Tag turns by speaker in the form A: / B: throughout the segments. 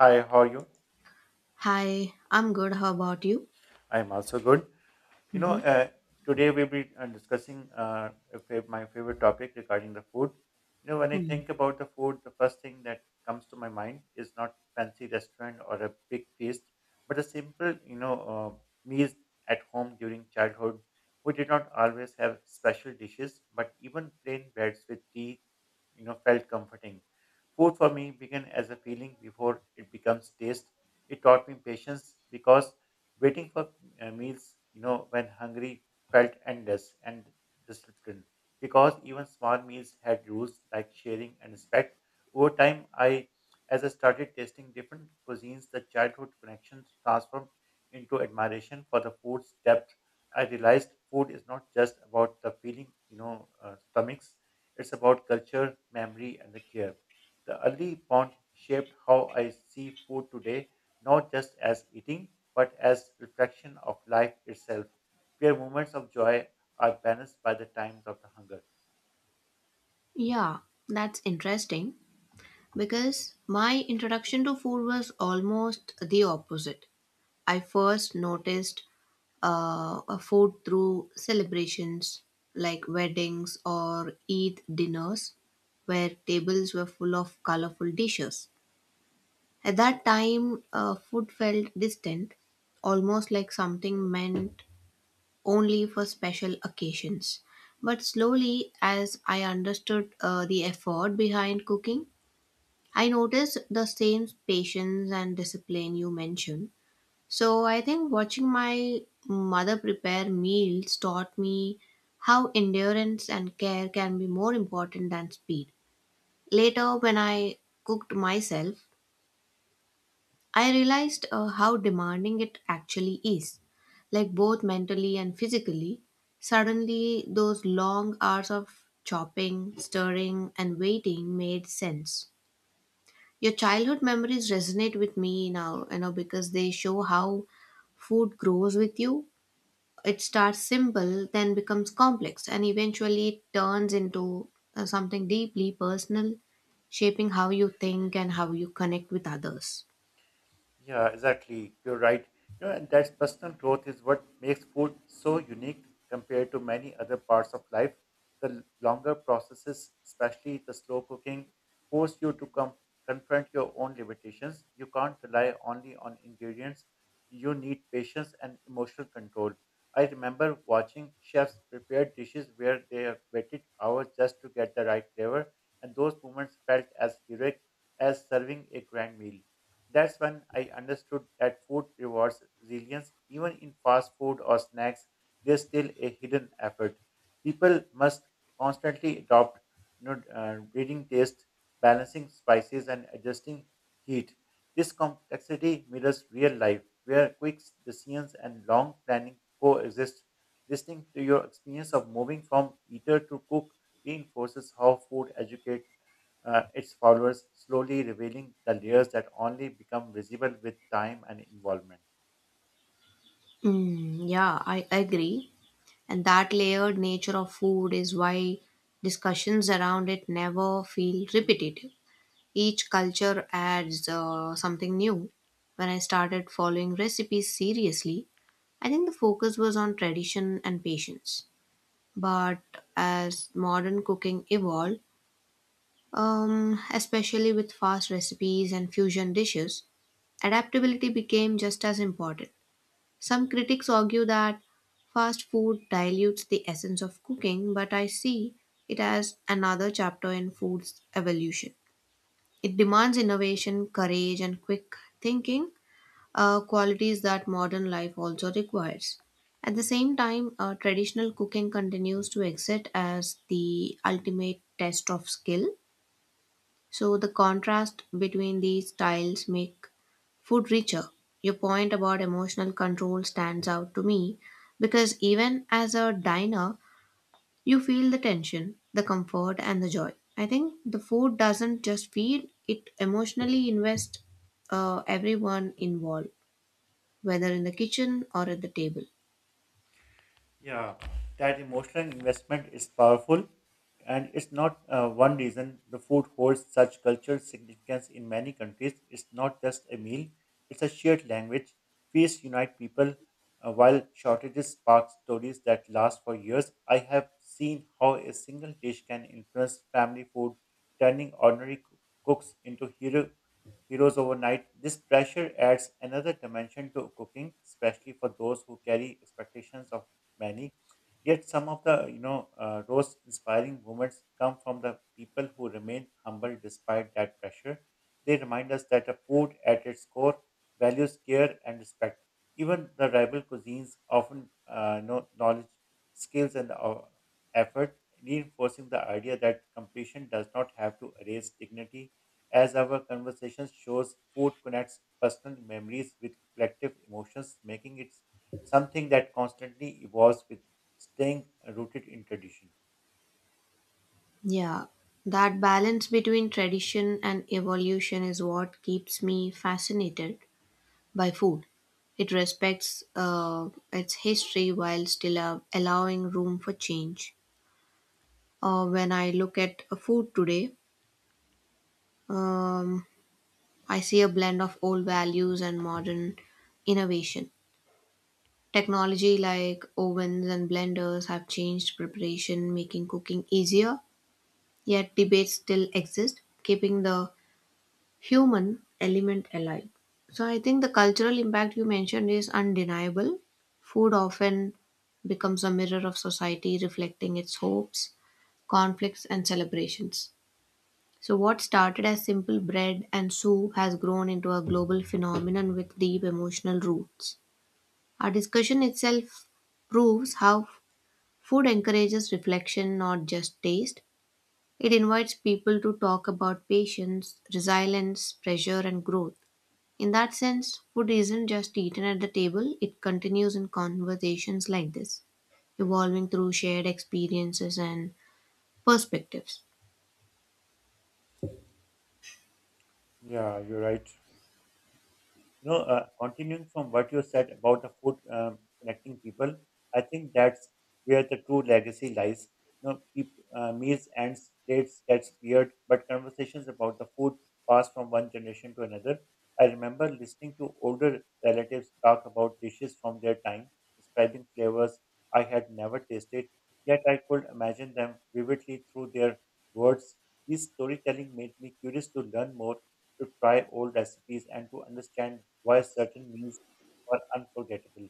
A: Hi, how are you?
B: Hi, I'm good. How about you?
A: I'm also good. You know,
B: hmm
A: uh, Today we'll be discussing my favorite topic regarding the food. You know, when I
B: Hmm.
A: think about the food, the first thing that comes to my mind is not fancy restaurant or a big feast, but a simple, meals at home during childhood. We did not always have special dishes, but even plain breads with tea, felt comforting. Food for me began as a feeling before it becomes taste. It taught me patience because waiting for meals, when hungry felt endless and disciplined because even small meals had rules like sharing and respect. Over time, as I started tasting different cuisines, the childhood connections transformed into admiration for the food's depth. I realized food is not just about the feeling, stomachs. It's about culture, memory, and the care. The early bond shaped how I see food today, not just as eating, but as reflection of life itself, where moments of joy are balanced by the times of the hunger.
B: Yeah, that's interesting because my introduction to food was almost the opposite. I first noticed a food through celebrations like weddings or Eid dinners where tables were full of colorful dishes. At that time, food felt distant, almost like something meant only for special occasions. But slowly, as I understood the effort behind cooking, I noticed the same patience and discipline you mentioned. So I think watching my mother prepare meals taught me how endurance and care can be more important than speed. Later, when I cooked myself, I realized how demanding it actually is, like both mentally and physically. Suddenly, those long hours of chopping, stirring, and waiting made sense. Your childhood memories resonate with me now, you know, because they show how food grows with you. It starts simple, then becomes complex, and eventually it turns into something deeply personal, shaping how you think and how you connect with others.
A: Yeah, exactly. You're right. And that personal growth is what makes food so unique compared to many other parts of life. The longer processes, especially the slow cooking, force you to confront your own limitations. You can't rely only on ingredients. You need patience and emotional control. I remember watching chefs prepare dishes where they waited hours just to get the right flavor, and those moments felt as heroic as serving a grand meal. That's when I understood that food rewards resilience. Even in fast food or snacks, there's still a hidden effort. People must constantly adopt, reading taste, balancing spices, and adjusting heat. This complexity mirrors real life, where quick decisions and long planning coexist. Listening to your experience of moving from eater to cook reinforces how food educates its followers, slowly revealing the layers that only become visible with time and involvement.
B: Mm, yeah, I agree. And that layered nature of food is why discussions around it never feel repetitive. Each culture adds something new. When I started following recipes seriously, I think the focus was on tradition and patience. But as modern cooking evolved, especially with fast recipes and fusion dishes, adaptability became just as important. Some critics argue that fast food dilutes the essence of cooking, but I see it as another chapter in food's evolution. It demands innovation, courage, and quick thinking, qualities that modern life also requires. At the same time, traditional cooking continues to exist as the ultimate test of skill, so the contrast between these styles make food richer. Your point about emotional control stands out to me because even as a diner, you feel the tension, the comfort and the joy. I think the food doesn't just feed, it emotionally invests everyone involved, whether in the kitchen or at the table.
A: Yeah, that emotional investment is powerful, and it's not one reason the food holds such cultural significance in many countries. It's not just a meal, it's a shared language. Feasts unite people, while shortages spark stories that last for years. I have seen how a single dish can influence family food, turning ordinary cooks into heroes overnight. This pressure adds another dimension to cooking, especially for those who carry expectations of many. Yet some of the most inspiring moments come from the people who remain humble despite that pressure. They remind us that a food at its core values care and respect. Even the rival cuisines often knowledge, skills, and effort, reinforcing the idea that competition does not have to erase dignity. As our conversation shows, food connects personal memories with collective emotions, making it something that constantly evolves with staying rooted in tradition.
B: Yeah, that balance between tradition and evolution is what keeps me fascinated by food. It respects its history while still allowing room for change. When I look at a food today, um, I see a blend of old values and modern innovation. Technology like ovens and blenders have changed preparation, making cooking easier, yet debates still exist, keeping the human element alive. So I think the cultural impact you mentioned is undeniable. Food often becomes a mirror of society, reflecting its hopes, conflicts, and celebrations. So, what started as simple bread and soup has grown into a global phenomenon with deep emotional roots. Our discussion itself proves how food encourages reflection, not just taste. It invites people to talk about patience, resilience, pressure, and growth. In that sense, food isn't just eaten at the table, it continues in conversations like this, evolving through shared experiences and perspectives.
A: Yeah, you're right. Continuing from what you said about the food, connecting people, I think that's where the true legacy lies. Meals and plates gets cleared, but conversations about the food pass from one generation to another. I remember listening to older relatives talk about dishes from their time, describing flavors I had never tasted, yet I could imagine them vividly through their words. This storytelling made me curious to learn more to try old recipes and to understand why certain meals are unforgettable.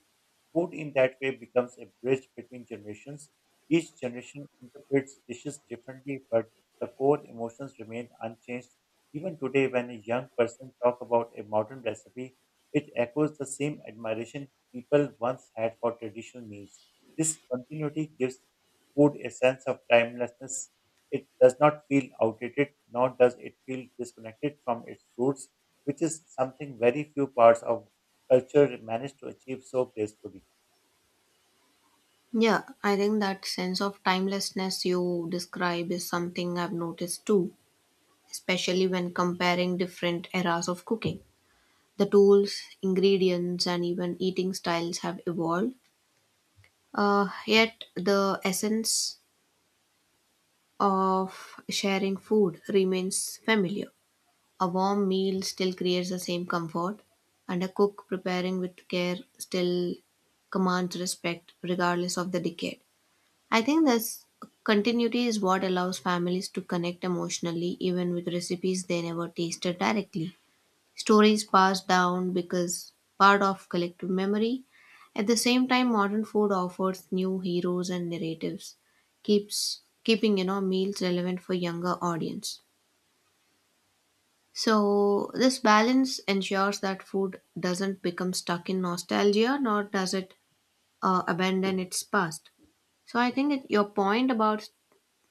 A: Food in that way becomes a bridge between generations. Each generation interprets dishes differently, but the core emotions remain unchanged. Even today, when a young person talks about a modern recipe, it echoes the same admiration people once had for traditional meals. This continuity gives food a sense of timelessness. It does not feel outdated, nor does it feel disconnected from its roots, which is something very few parts of culture manage to achieve so gracefully.
B: Yeah, I think that sense of timelessness you describe is something I've noticed too, especially when comparing different eras of cooking. The tools, ingredients, and even eating styles have evolved, yet the essence of sharing food remains familiar. A warm meal still creates the same comfort, and a cook preparing with care still commands respect regardless of the decade. I think this continuity is what allows families to connect emotionally even with recipes they never tasted directly. Stories passed down because part of collective memory. At the same time, modern food offers new heroes and narratives, keeps keeping you know meals relevant for younger audience. So, this balance ensures that food doesn't become stuck in nostalgia nor does it abandon its past. So, I think it, your point about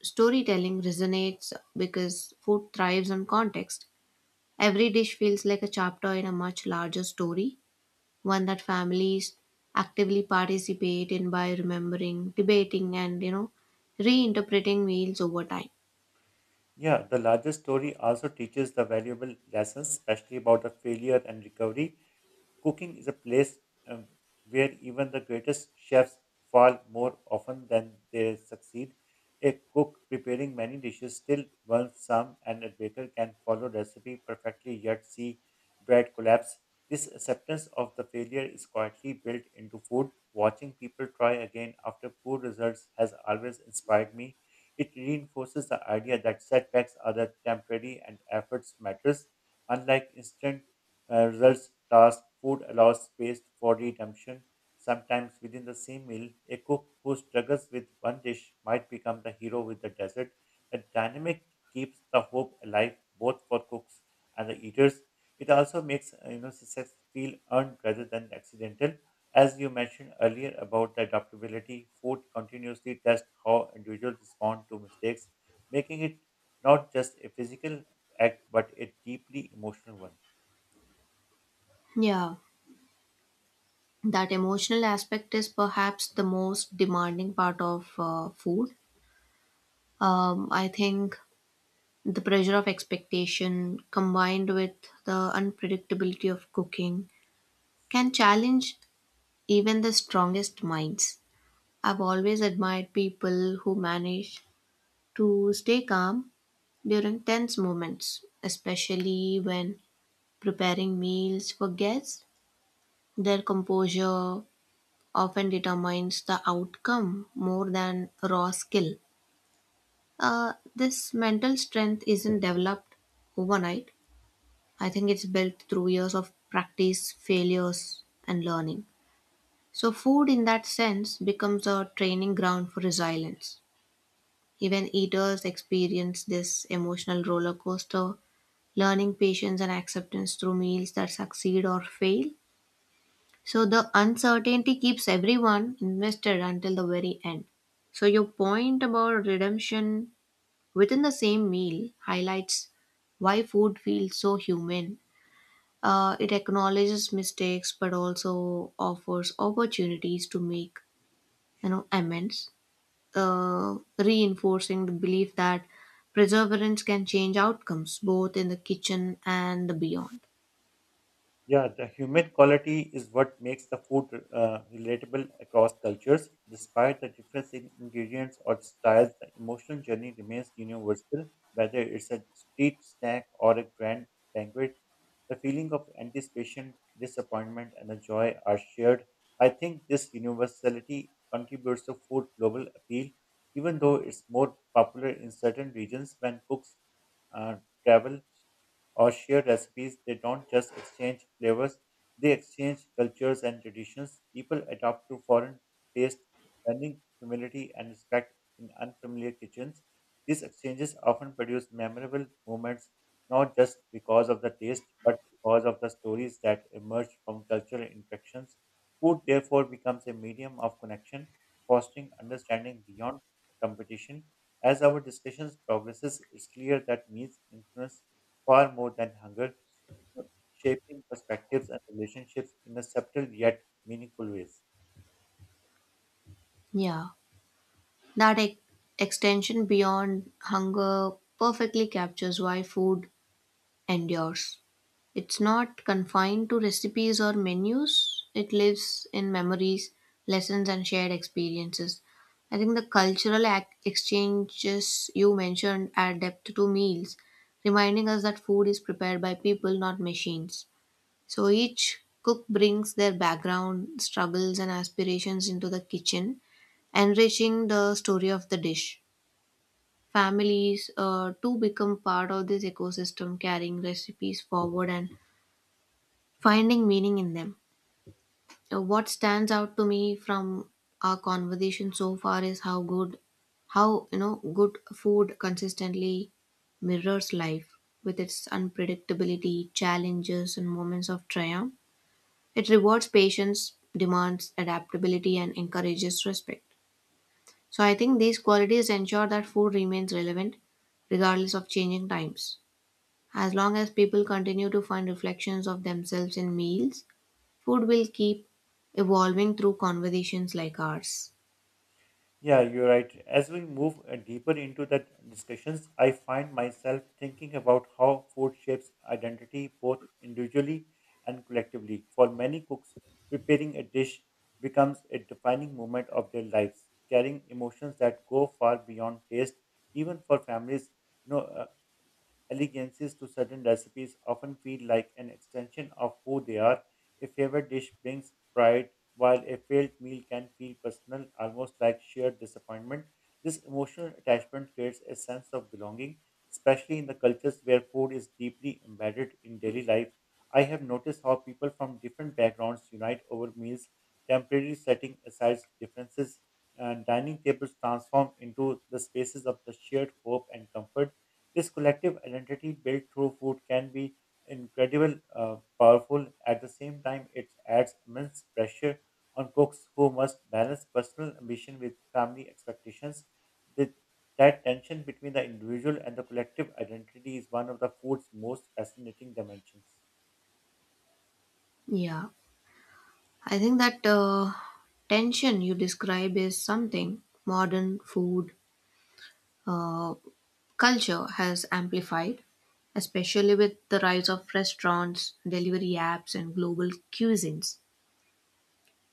B: storytelling resonates because food thrives on context. Every dish feels like a chapter in a much larger story, one that families actively participate in by remembering, debating, and you know, reinterpreting meals over time.
A: Yeah, the larger story also teaches the valuable lessons, especially about the failure and recovery. Cooking is a place um, where even the greatest chefs fall more often than they succeed. A cook preparing many dishes still burns some, and a baker can follow recipe perfectly yet see bread collapse. This acceptance of the failure is quietly built into food. Watching people try again after poor results has always inspired me. It reinforces the idea that setbacks are the temporary and efforts matters. Unlike instant results task food allows space for redemption. Sometimes within the same meal, a cook who struggles with one dish might become the hero with the dessert. The dynamic keeps the hope alive both for cooks and the eaters. It also makes success feel earned rather than accidental. As you mentioned earlier about the adaptability, food continuously tests how individuals respond to mistakes, making it not just a physical act but a deeply emotional one.
B: Yeah, that emotional aspect is perhaps the most demanding part of food. I think the pressure of expectation combined with the unpredictability of cooking can challenge even the strongest minds. I've always admired people who manage to stay calm during tense moments, especially when preparing meals for guests. Their composure often determines the outcome more than raw skill. This mental strength isn't developed overnight. I think it's built through years of practice, failures, and learning. So, food in that sense becomes a training ground for resilience. Even eaters experience this emotional roller coaster, learning patience and acceptance through meals that succeed or fail. So the uncertainty keeps everyone invested until the very end. So your point about redemption within the same meal highlights why food feels so human. It acknowledges mistakes but also offers opportunities to make you know amends, reinforcing the belief that perseverance can change outcomes both in the kitchen and the beyond.
A: Yeah, the humid quality is what makes the food relatable across cultures. Despite the difference in ingredients or styles, the emotional journey remains universal. Whether it's a street snack or a grand banquet, the feeling of anticipation, disappointment, and the joy are shared. I think this universality contributes to food's global appeal, even though it's more popular in certain regions when cooks uh, travel or share recipes. They don't just exchange flavors, they exchange cultures and traditions. People adapt to foreign taste, learning humility and respect in unfamiliar kitchens. These exchanges often produce memorable moments, not just because of the taste, but because of the stories that emerge from cultural interactions. Food, therefore, becomes a medium of connection, fostering understanding beyond competition. As our discussions progresses, it's clear that meals influence far more than hunger, shaping perspectives and relationships in a subtle yet meaningful ways.
B: Yeah. That ex- extension beyond hunger perfectly captures why food endures. It's not confined to recipes or menus, it lives in memories, lessons, and shared experiences. I think the exchanges you mentioned add depth to meals, reminding us that food is prepared by people, not machines. So each cook brings their background, struggles, and aspirations into the kitchen, enriching the story of the dish. Families too become part of this ecosystem, carrying recipes forward and finding meaning in them. What stands out to me from our conversation so far is how you know, good food consistently mirrors life with its unpredictability, challenges, and moments of triumph. It rewards patience, demands adaptability, and encourages respect. So I think these qualities ensure that food remains relevant regardless of changing times. As long as people continue to find reflections of themselves in meals, food will keep evolving through conversations like ours.
A: Yeah, you're right. As we move deeper into the discussions, I find myself thinking about how food shapes identity both individually and collectively. For many cooks, preparing a dish becomes a defining moment of their lives, carrying emotions that go far beyond taste. Even for families, no, allegiances to certain recipes often feel like an extension of who they are. A favorite dish brings pride, while a failed meal can feel personal, almost like sheer disappointment. This emotional attachment creates a sense of belonging, especially in the cultures where food is deeply embedded in daily life. I have noticed how people from different backgrounds unite over meals, temporarily setting aside differences. And dining tables transform into the spaces of the shared hope and comfort. This collective identity built through food can be incredible, powerful. At the same time, it adds immense pressure on cooks who must balance personal ambition with family expectations. The, that tension between the individual and the collective identity is one of the food's most fascinating dimensions.
B: Yeah, I think that tension you describe is something modern food uh, culture has amplified, especially with the rise of restaurants, delivery apps, and global cuisines.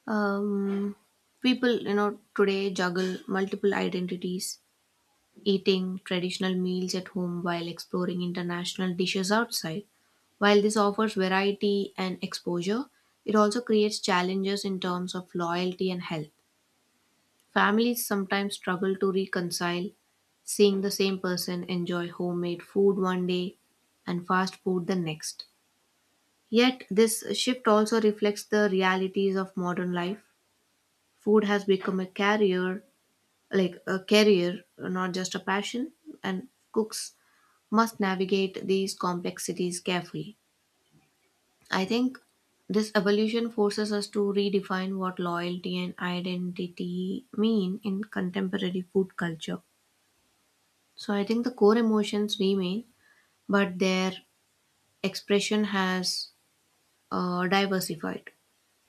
B: Um, people, you know, today juggle multiple identities, eating traditional meals at home while exploring international dishes outside. While this offers variety and exposure, it also creates challenges in terms of loyalty and health. Families sometimes struggle to reconcile seeing the same person enjoy homemade food one day and fast food the next. Yet, this shift also reflects the realities of modern life. Food has become a carrier, like a career, not just a passion, and cooks must navigate these complexities carefully. I think this evolution forces us to redefine what loyalty and identity mean in contemporary food culture. So I think the core emotions remain, but their expression has diversified.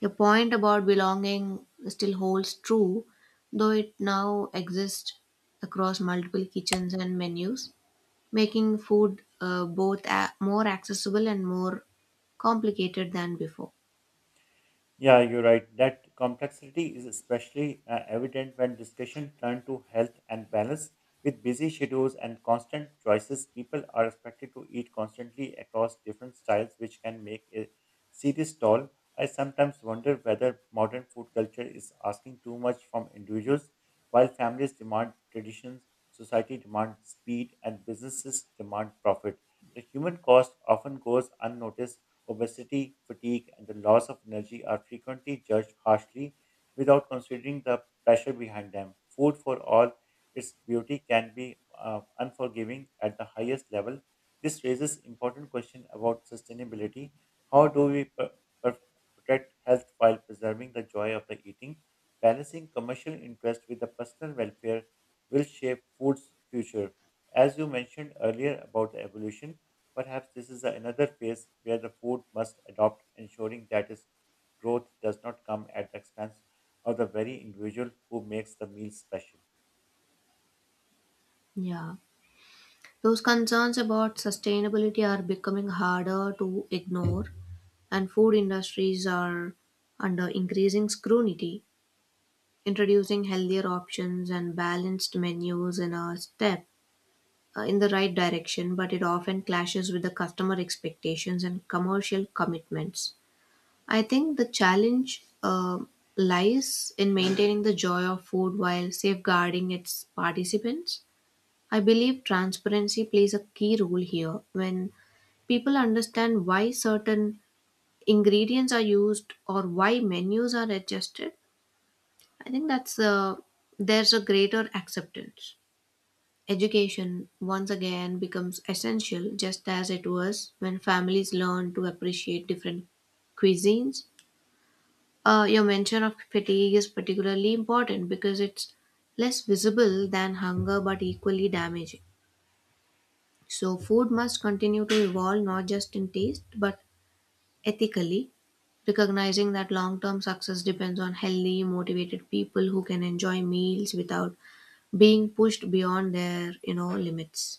B: Your point about belonging still holds true, though it now exists across multiple kitchens and menus, making food both more accessible and more complicated than before.
A: Yeah, you're right. That complexity is especially evident when discussion turn to health and balance. With busy schedules and constant choices, people are expected to eat constantly across different styles, which can make a serious toll. I sometimes wonder whether modern food culture is asking too much from individuals, while families demand traditions, society demands speed, and businesses demand profit. The human cost often goes unnoticed. Obesity, fatigue, and the loss of energy are frequently judged harshly without considering the pressure behind them. Food for all its beauty can be unforgiving at the highest level. This raises important question about sustainability. How do we per- protect health while preserving the joy of the eating? Balancing commercial interest with the personal welfare will shape food's future. As you mentioned earlier about the evolution, perhaps this is another phase where the food must adopt, ensuring that its growth does not come at the expense of the very individual who makes the meal special.
B: Yeah. Those concerns about sustainability are becoming harder to ignore, and food industries are under increasing scrutiny. Introducing healthier options and balanced menus in a step in the right direction, but it often clashes with the customer expectations and commercial commitments. I think the challenge lies in maintaining the joy of food while safeguarding its participants. I believe transparency plays a key role here. When people understand why certain ingredients are used or why menus are adjusted, I think that's there's a greater acceptance. Education once again becomes essential, just as it was when families learn to appreciate different cuisines. Your mention of fatigue is particularly important because it's less visible than hunger but equally damaging. So, food must continue to evolve not just in taste but ethically, recognizing that long term success depends on healthy, motivated people who can enjoy meals without being pushed beyond their you know limits.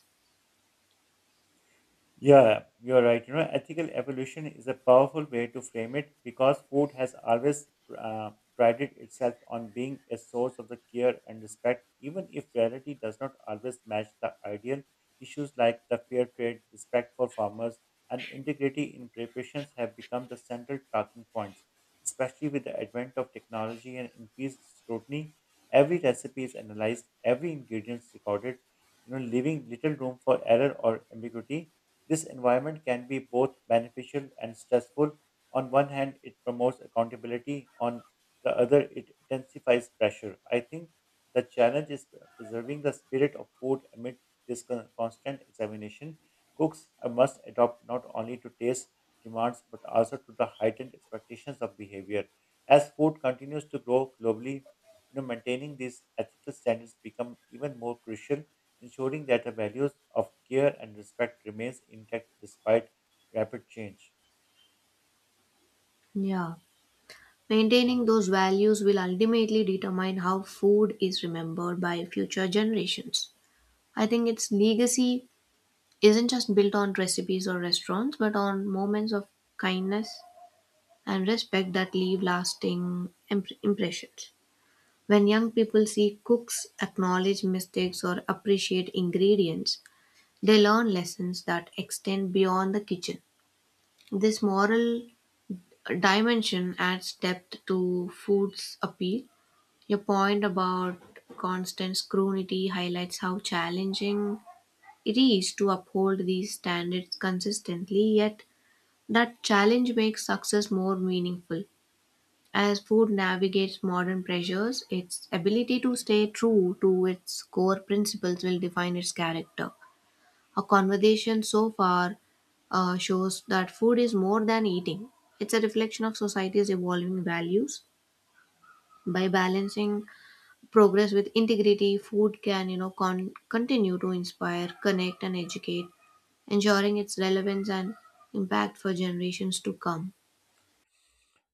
A: Yeah, you're right. Ethical evolution is a powerful way to frame it because food has always prided itself on being a source of the care and respect, even if reality does not always match the ideal. Issues like the fair trade, respect for farmers, and integrity in preparations have become the central talking points, especially with the advent of technology and increased scrutiny. Every recipe is analyzed, every ingredient is recorded, leaving little room for error or ambiguity. This environment can be both beneficial and stressful. On one hand, it promotes accountability, on the other, it intensifies pressure. I think the challenge is preserving the spirit of food amid this constant examination. Cooks must adopt not only to taste demands but also to the heightened expectations of behavior. As food continues to grow globally, maintaining these ethical standards become even more crucial, ensuring that the values of care and respect remains intact despite rapid change.
B: Yeah. Maintaining those values will ultimately determine how food is remembered by future generations. I think its legacy isn't just built on recipes or restaurants, but on moments of kindness and respect that leave lasting impressions. When young people see cooks acknowledge mistakes or appreciate ingredients, they learn lessons that extend beyond the kitchen. This moral dimension adds depth to food's appeal. Your point about constant scrutiny highlights how challenging it is to uphold these standards consistently, yet that challenge makes success more meaningful. As food navigates modern pressures, its ability to stay true to its core principles will define its character. Our conversation so far shows that food is more than eating, it's a reflection of society's evolving values. By balancing progress with integrity, food can you know continue to inspire, connect, and educate, ensuring its relevance and impact for generations to come.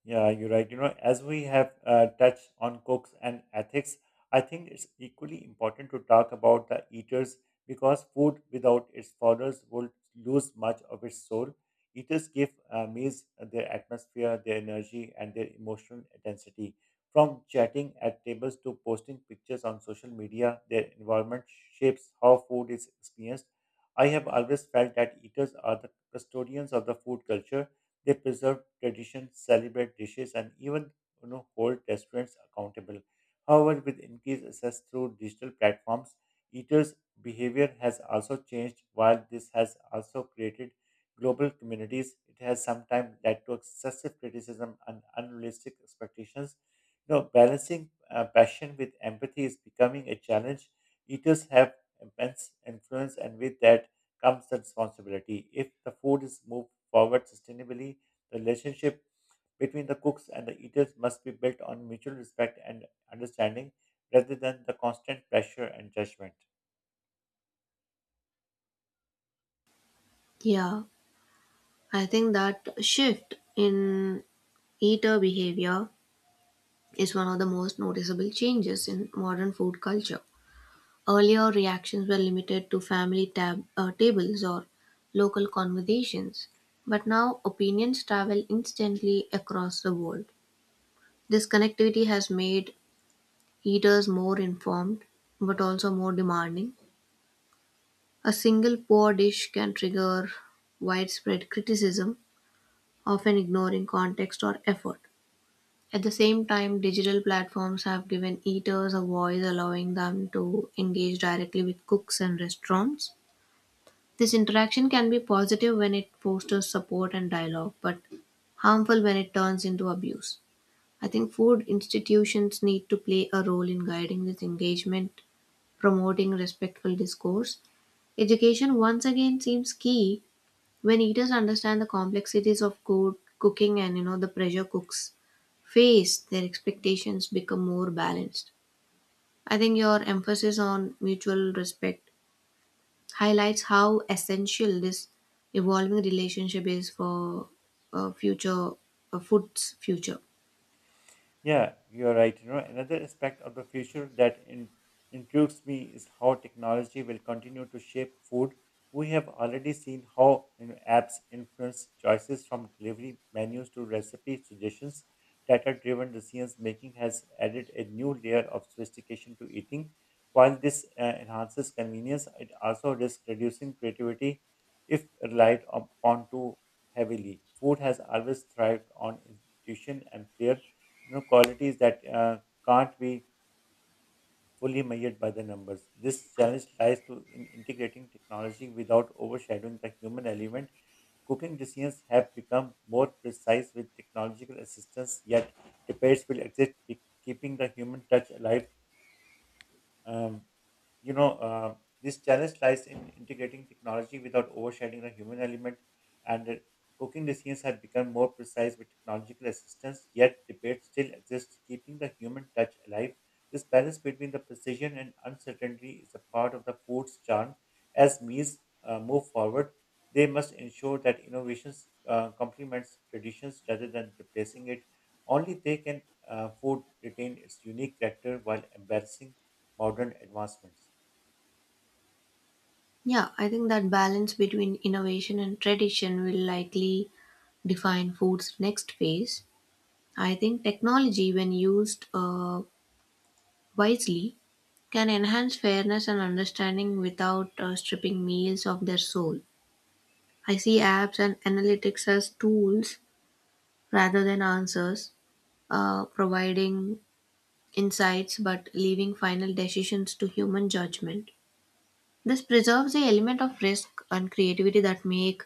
A: Yeah, you're right. As we have touched on cooks and ethics, I think it's equally important to talk about the eaters because food without its followers would lose much of its soul. Eaters give meals their atmosphere, their energy, and their emotional density. From chatting at tables to posting pictures on social media, their environment shapes how food is experienced. I have always felt that eaters are the custodians of the food culture. They preserve traditions, celebrate dishes, and even hold restaurants accountable. However, with increased access through digital platforms, eaters' behavior has also changed. While this has also created global communities, it has sometimes led to excessive criticism and unrealistic expectations. Balancing passion with empathy is becoming a challenge. Eaters have immense influence, and with that, comes the responsibility. If the food is moved forward sustainably, the relationship between the cooks and the eaters must be built on mutual respect and understanding rather than the constant pressure and judgment.
B: Yeah. I think that shift in eater behavior is one of the most noticeable changes in modern food culture. Earlier, reactions were limited to family tables or local conversations, but now opinions travel instantly across the world. This connectivity has made eaters more informed but also more demanding. A single poor dish can trigger widespread criticism, often ignoring context or effort. At the same time, digital platforms have given eaters a voice, allowing them to engage directly with cooks and restaurants. This interaction can be positive when it fosters support and dialogue, but harmful when it turns into abuse. I think food institutions need to play a role in guiding this engagement, promoting respectful discourse. Education once again seems key when eaters understand the complexities of good cooking and you know the pressure cooks face, their expectations become more balanced. I think your emphasis on mutual respect highlights how essential this evolving relationship is for future food's future.
A: Yeah, you're right. Another aspect of the future that intrigues me is how technology will continue to shape food. We have already seen how apps influence choices from delivery menus to recipe suggestions. Data-driven decisions making has added a new layer of sophistication to eating. While this enhances convenience, it also risks reducing creativity if relied upon too heavily. Food has always thrived on intuition and flair, qualities that can't be fully measured by the numbers. This challenge lies to in integrating technology without overshadowing the human element. Cooking decisions have become more precise with technological assistance, yet debates will exist, keeping the human touch alive. Um, you know, uh, this challenge lies in integrating technology without overshadowing the human element, and cooking decisions have become more precise with technological assistance, yet debates still exist, keeping the human touch alive. This balance between the precision and uncertainty is a part of the food's charm. As meals move forward, they must ensure that innovations complements traditions rather than replacing it. Only they can food retain its unique character while embracing modern advancements.
B: Yeah, I think that balance between innovation and tradition will likely define food's next phase. I think technology when used wisely can enhance fairness and understanding without stripping meals of their soul. I see apps and analytics as tools rather than answers, providing insights but leaving final decisions to human judgment. This preserves the element of risk and creativity that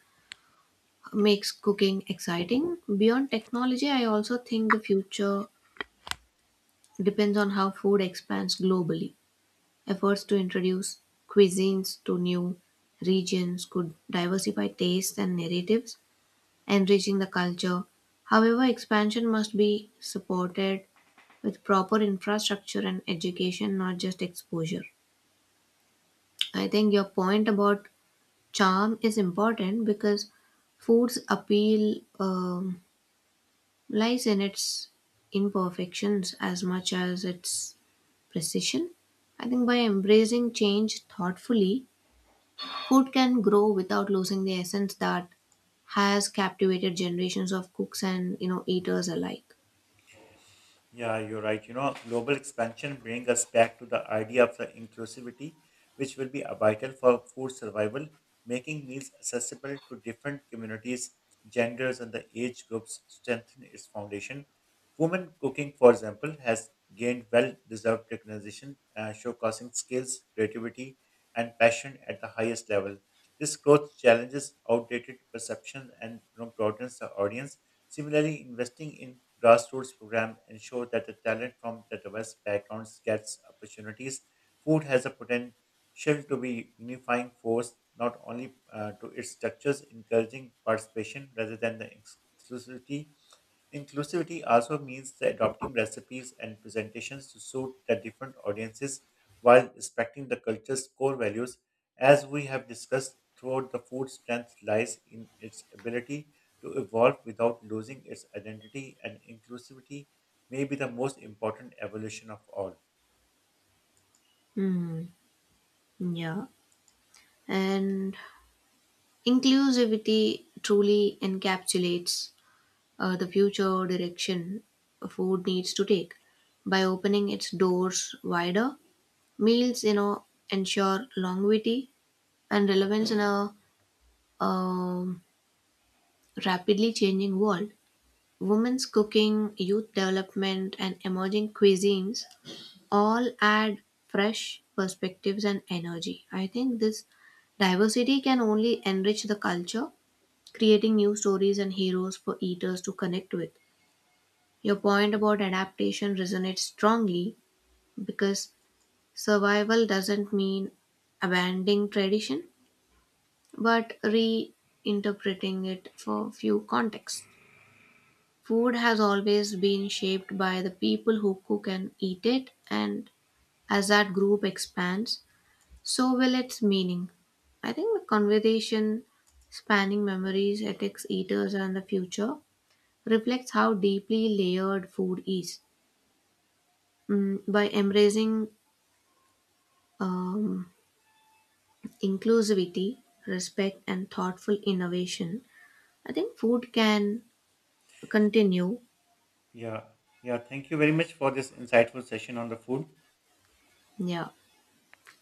B: makes cooking exciting. Beyond technology, I also think the future depends on how food expands globally. Efforts to introduce cuisines to new regions could diversify tastes and narratives, enriching the culture. However, expansion must be supported with proper infrastructure and education, not just exposure. I think your point about charm is important because food's appeal lies in its imperfections as much as its precision. I think by embracing change thoughtfully, food can grow without losing the essence that has captivated generations of cooks and you know eaters alike.
A: Yeah, you're right. Global expansion brings us back to the idea of the inclusivity, which will be vital for food survival, making meals accessible to different communities, genders, and the age groups strengthen its foundation. Women cooking, for example, has gained well-deserved recognition, showcasing skills, creativity, and passion at the highest level. This growth challenges outdated perceptions and broadens the audience. Similarly, investing in grassroots programs ensure that the talent from the diverse backgrounds gets opportunities. Food has a potential to be unifying force not only to its structures, encouraging participation rather than the exclusivity. Inclusivity also means the adopting recipes and presentations to suit the different audiences while respecting the culture's core values. As we have discussed throughout, the food strength lies in its ability to evolve without losing its identity, and inclusivity may be the most important evolution of all.
B: Hmm. Yeah. And inclusivity truly encapsulates the future direction food needs to take. By opening its doors wider, meals, you know, ensure longevity and relevance in a um, rapidly changing world. Women's cooking, youth development, and emerging cuisines all add fresh perspectives and energy. I think this diversity can only enrich the culture, creating new stories and heroes for eaters to connect with. Your point about adaptation resonates strongly because survival doesn't mean abandoning tradition but reinterpreting it for few contexts. Food has always been shaped by the people who cook and eat it, and as that group expands, so will its meaning. I think the conversation spanning memories, ethics, eaters, and the future reflects how deeply layered food is. Mm, by embracing um, inclusivity, respect, and thoughtful innovation, I think food can continue.
A: Yeah, yeah, thank you very much for this insightful session on the food.
B: Yeah.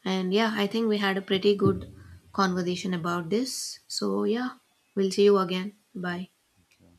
B: And yeah, I think we had a pretty good conversation about this. So yeah, we'll see you again.
A: Yeah,
B: Bye.
A: thank you.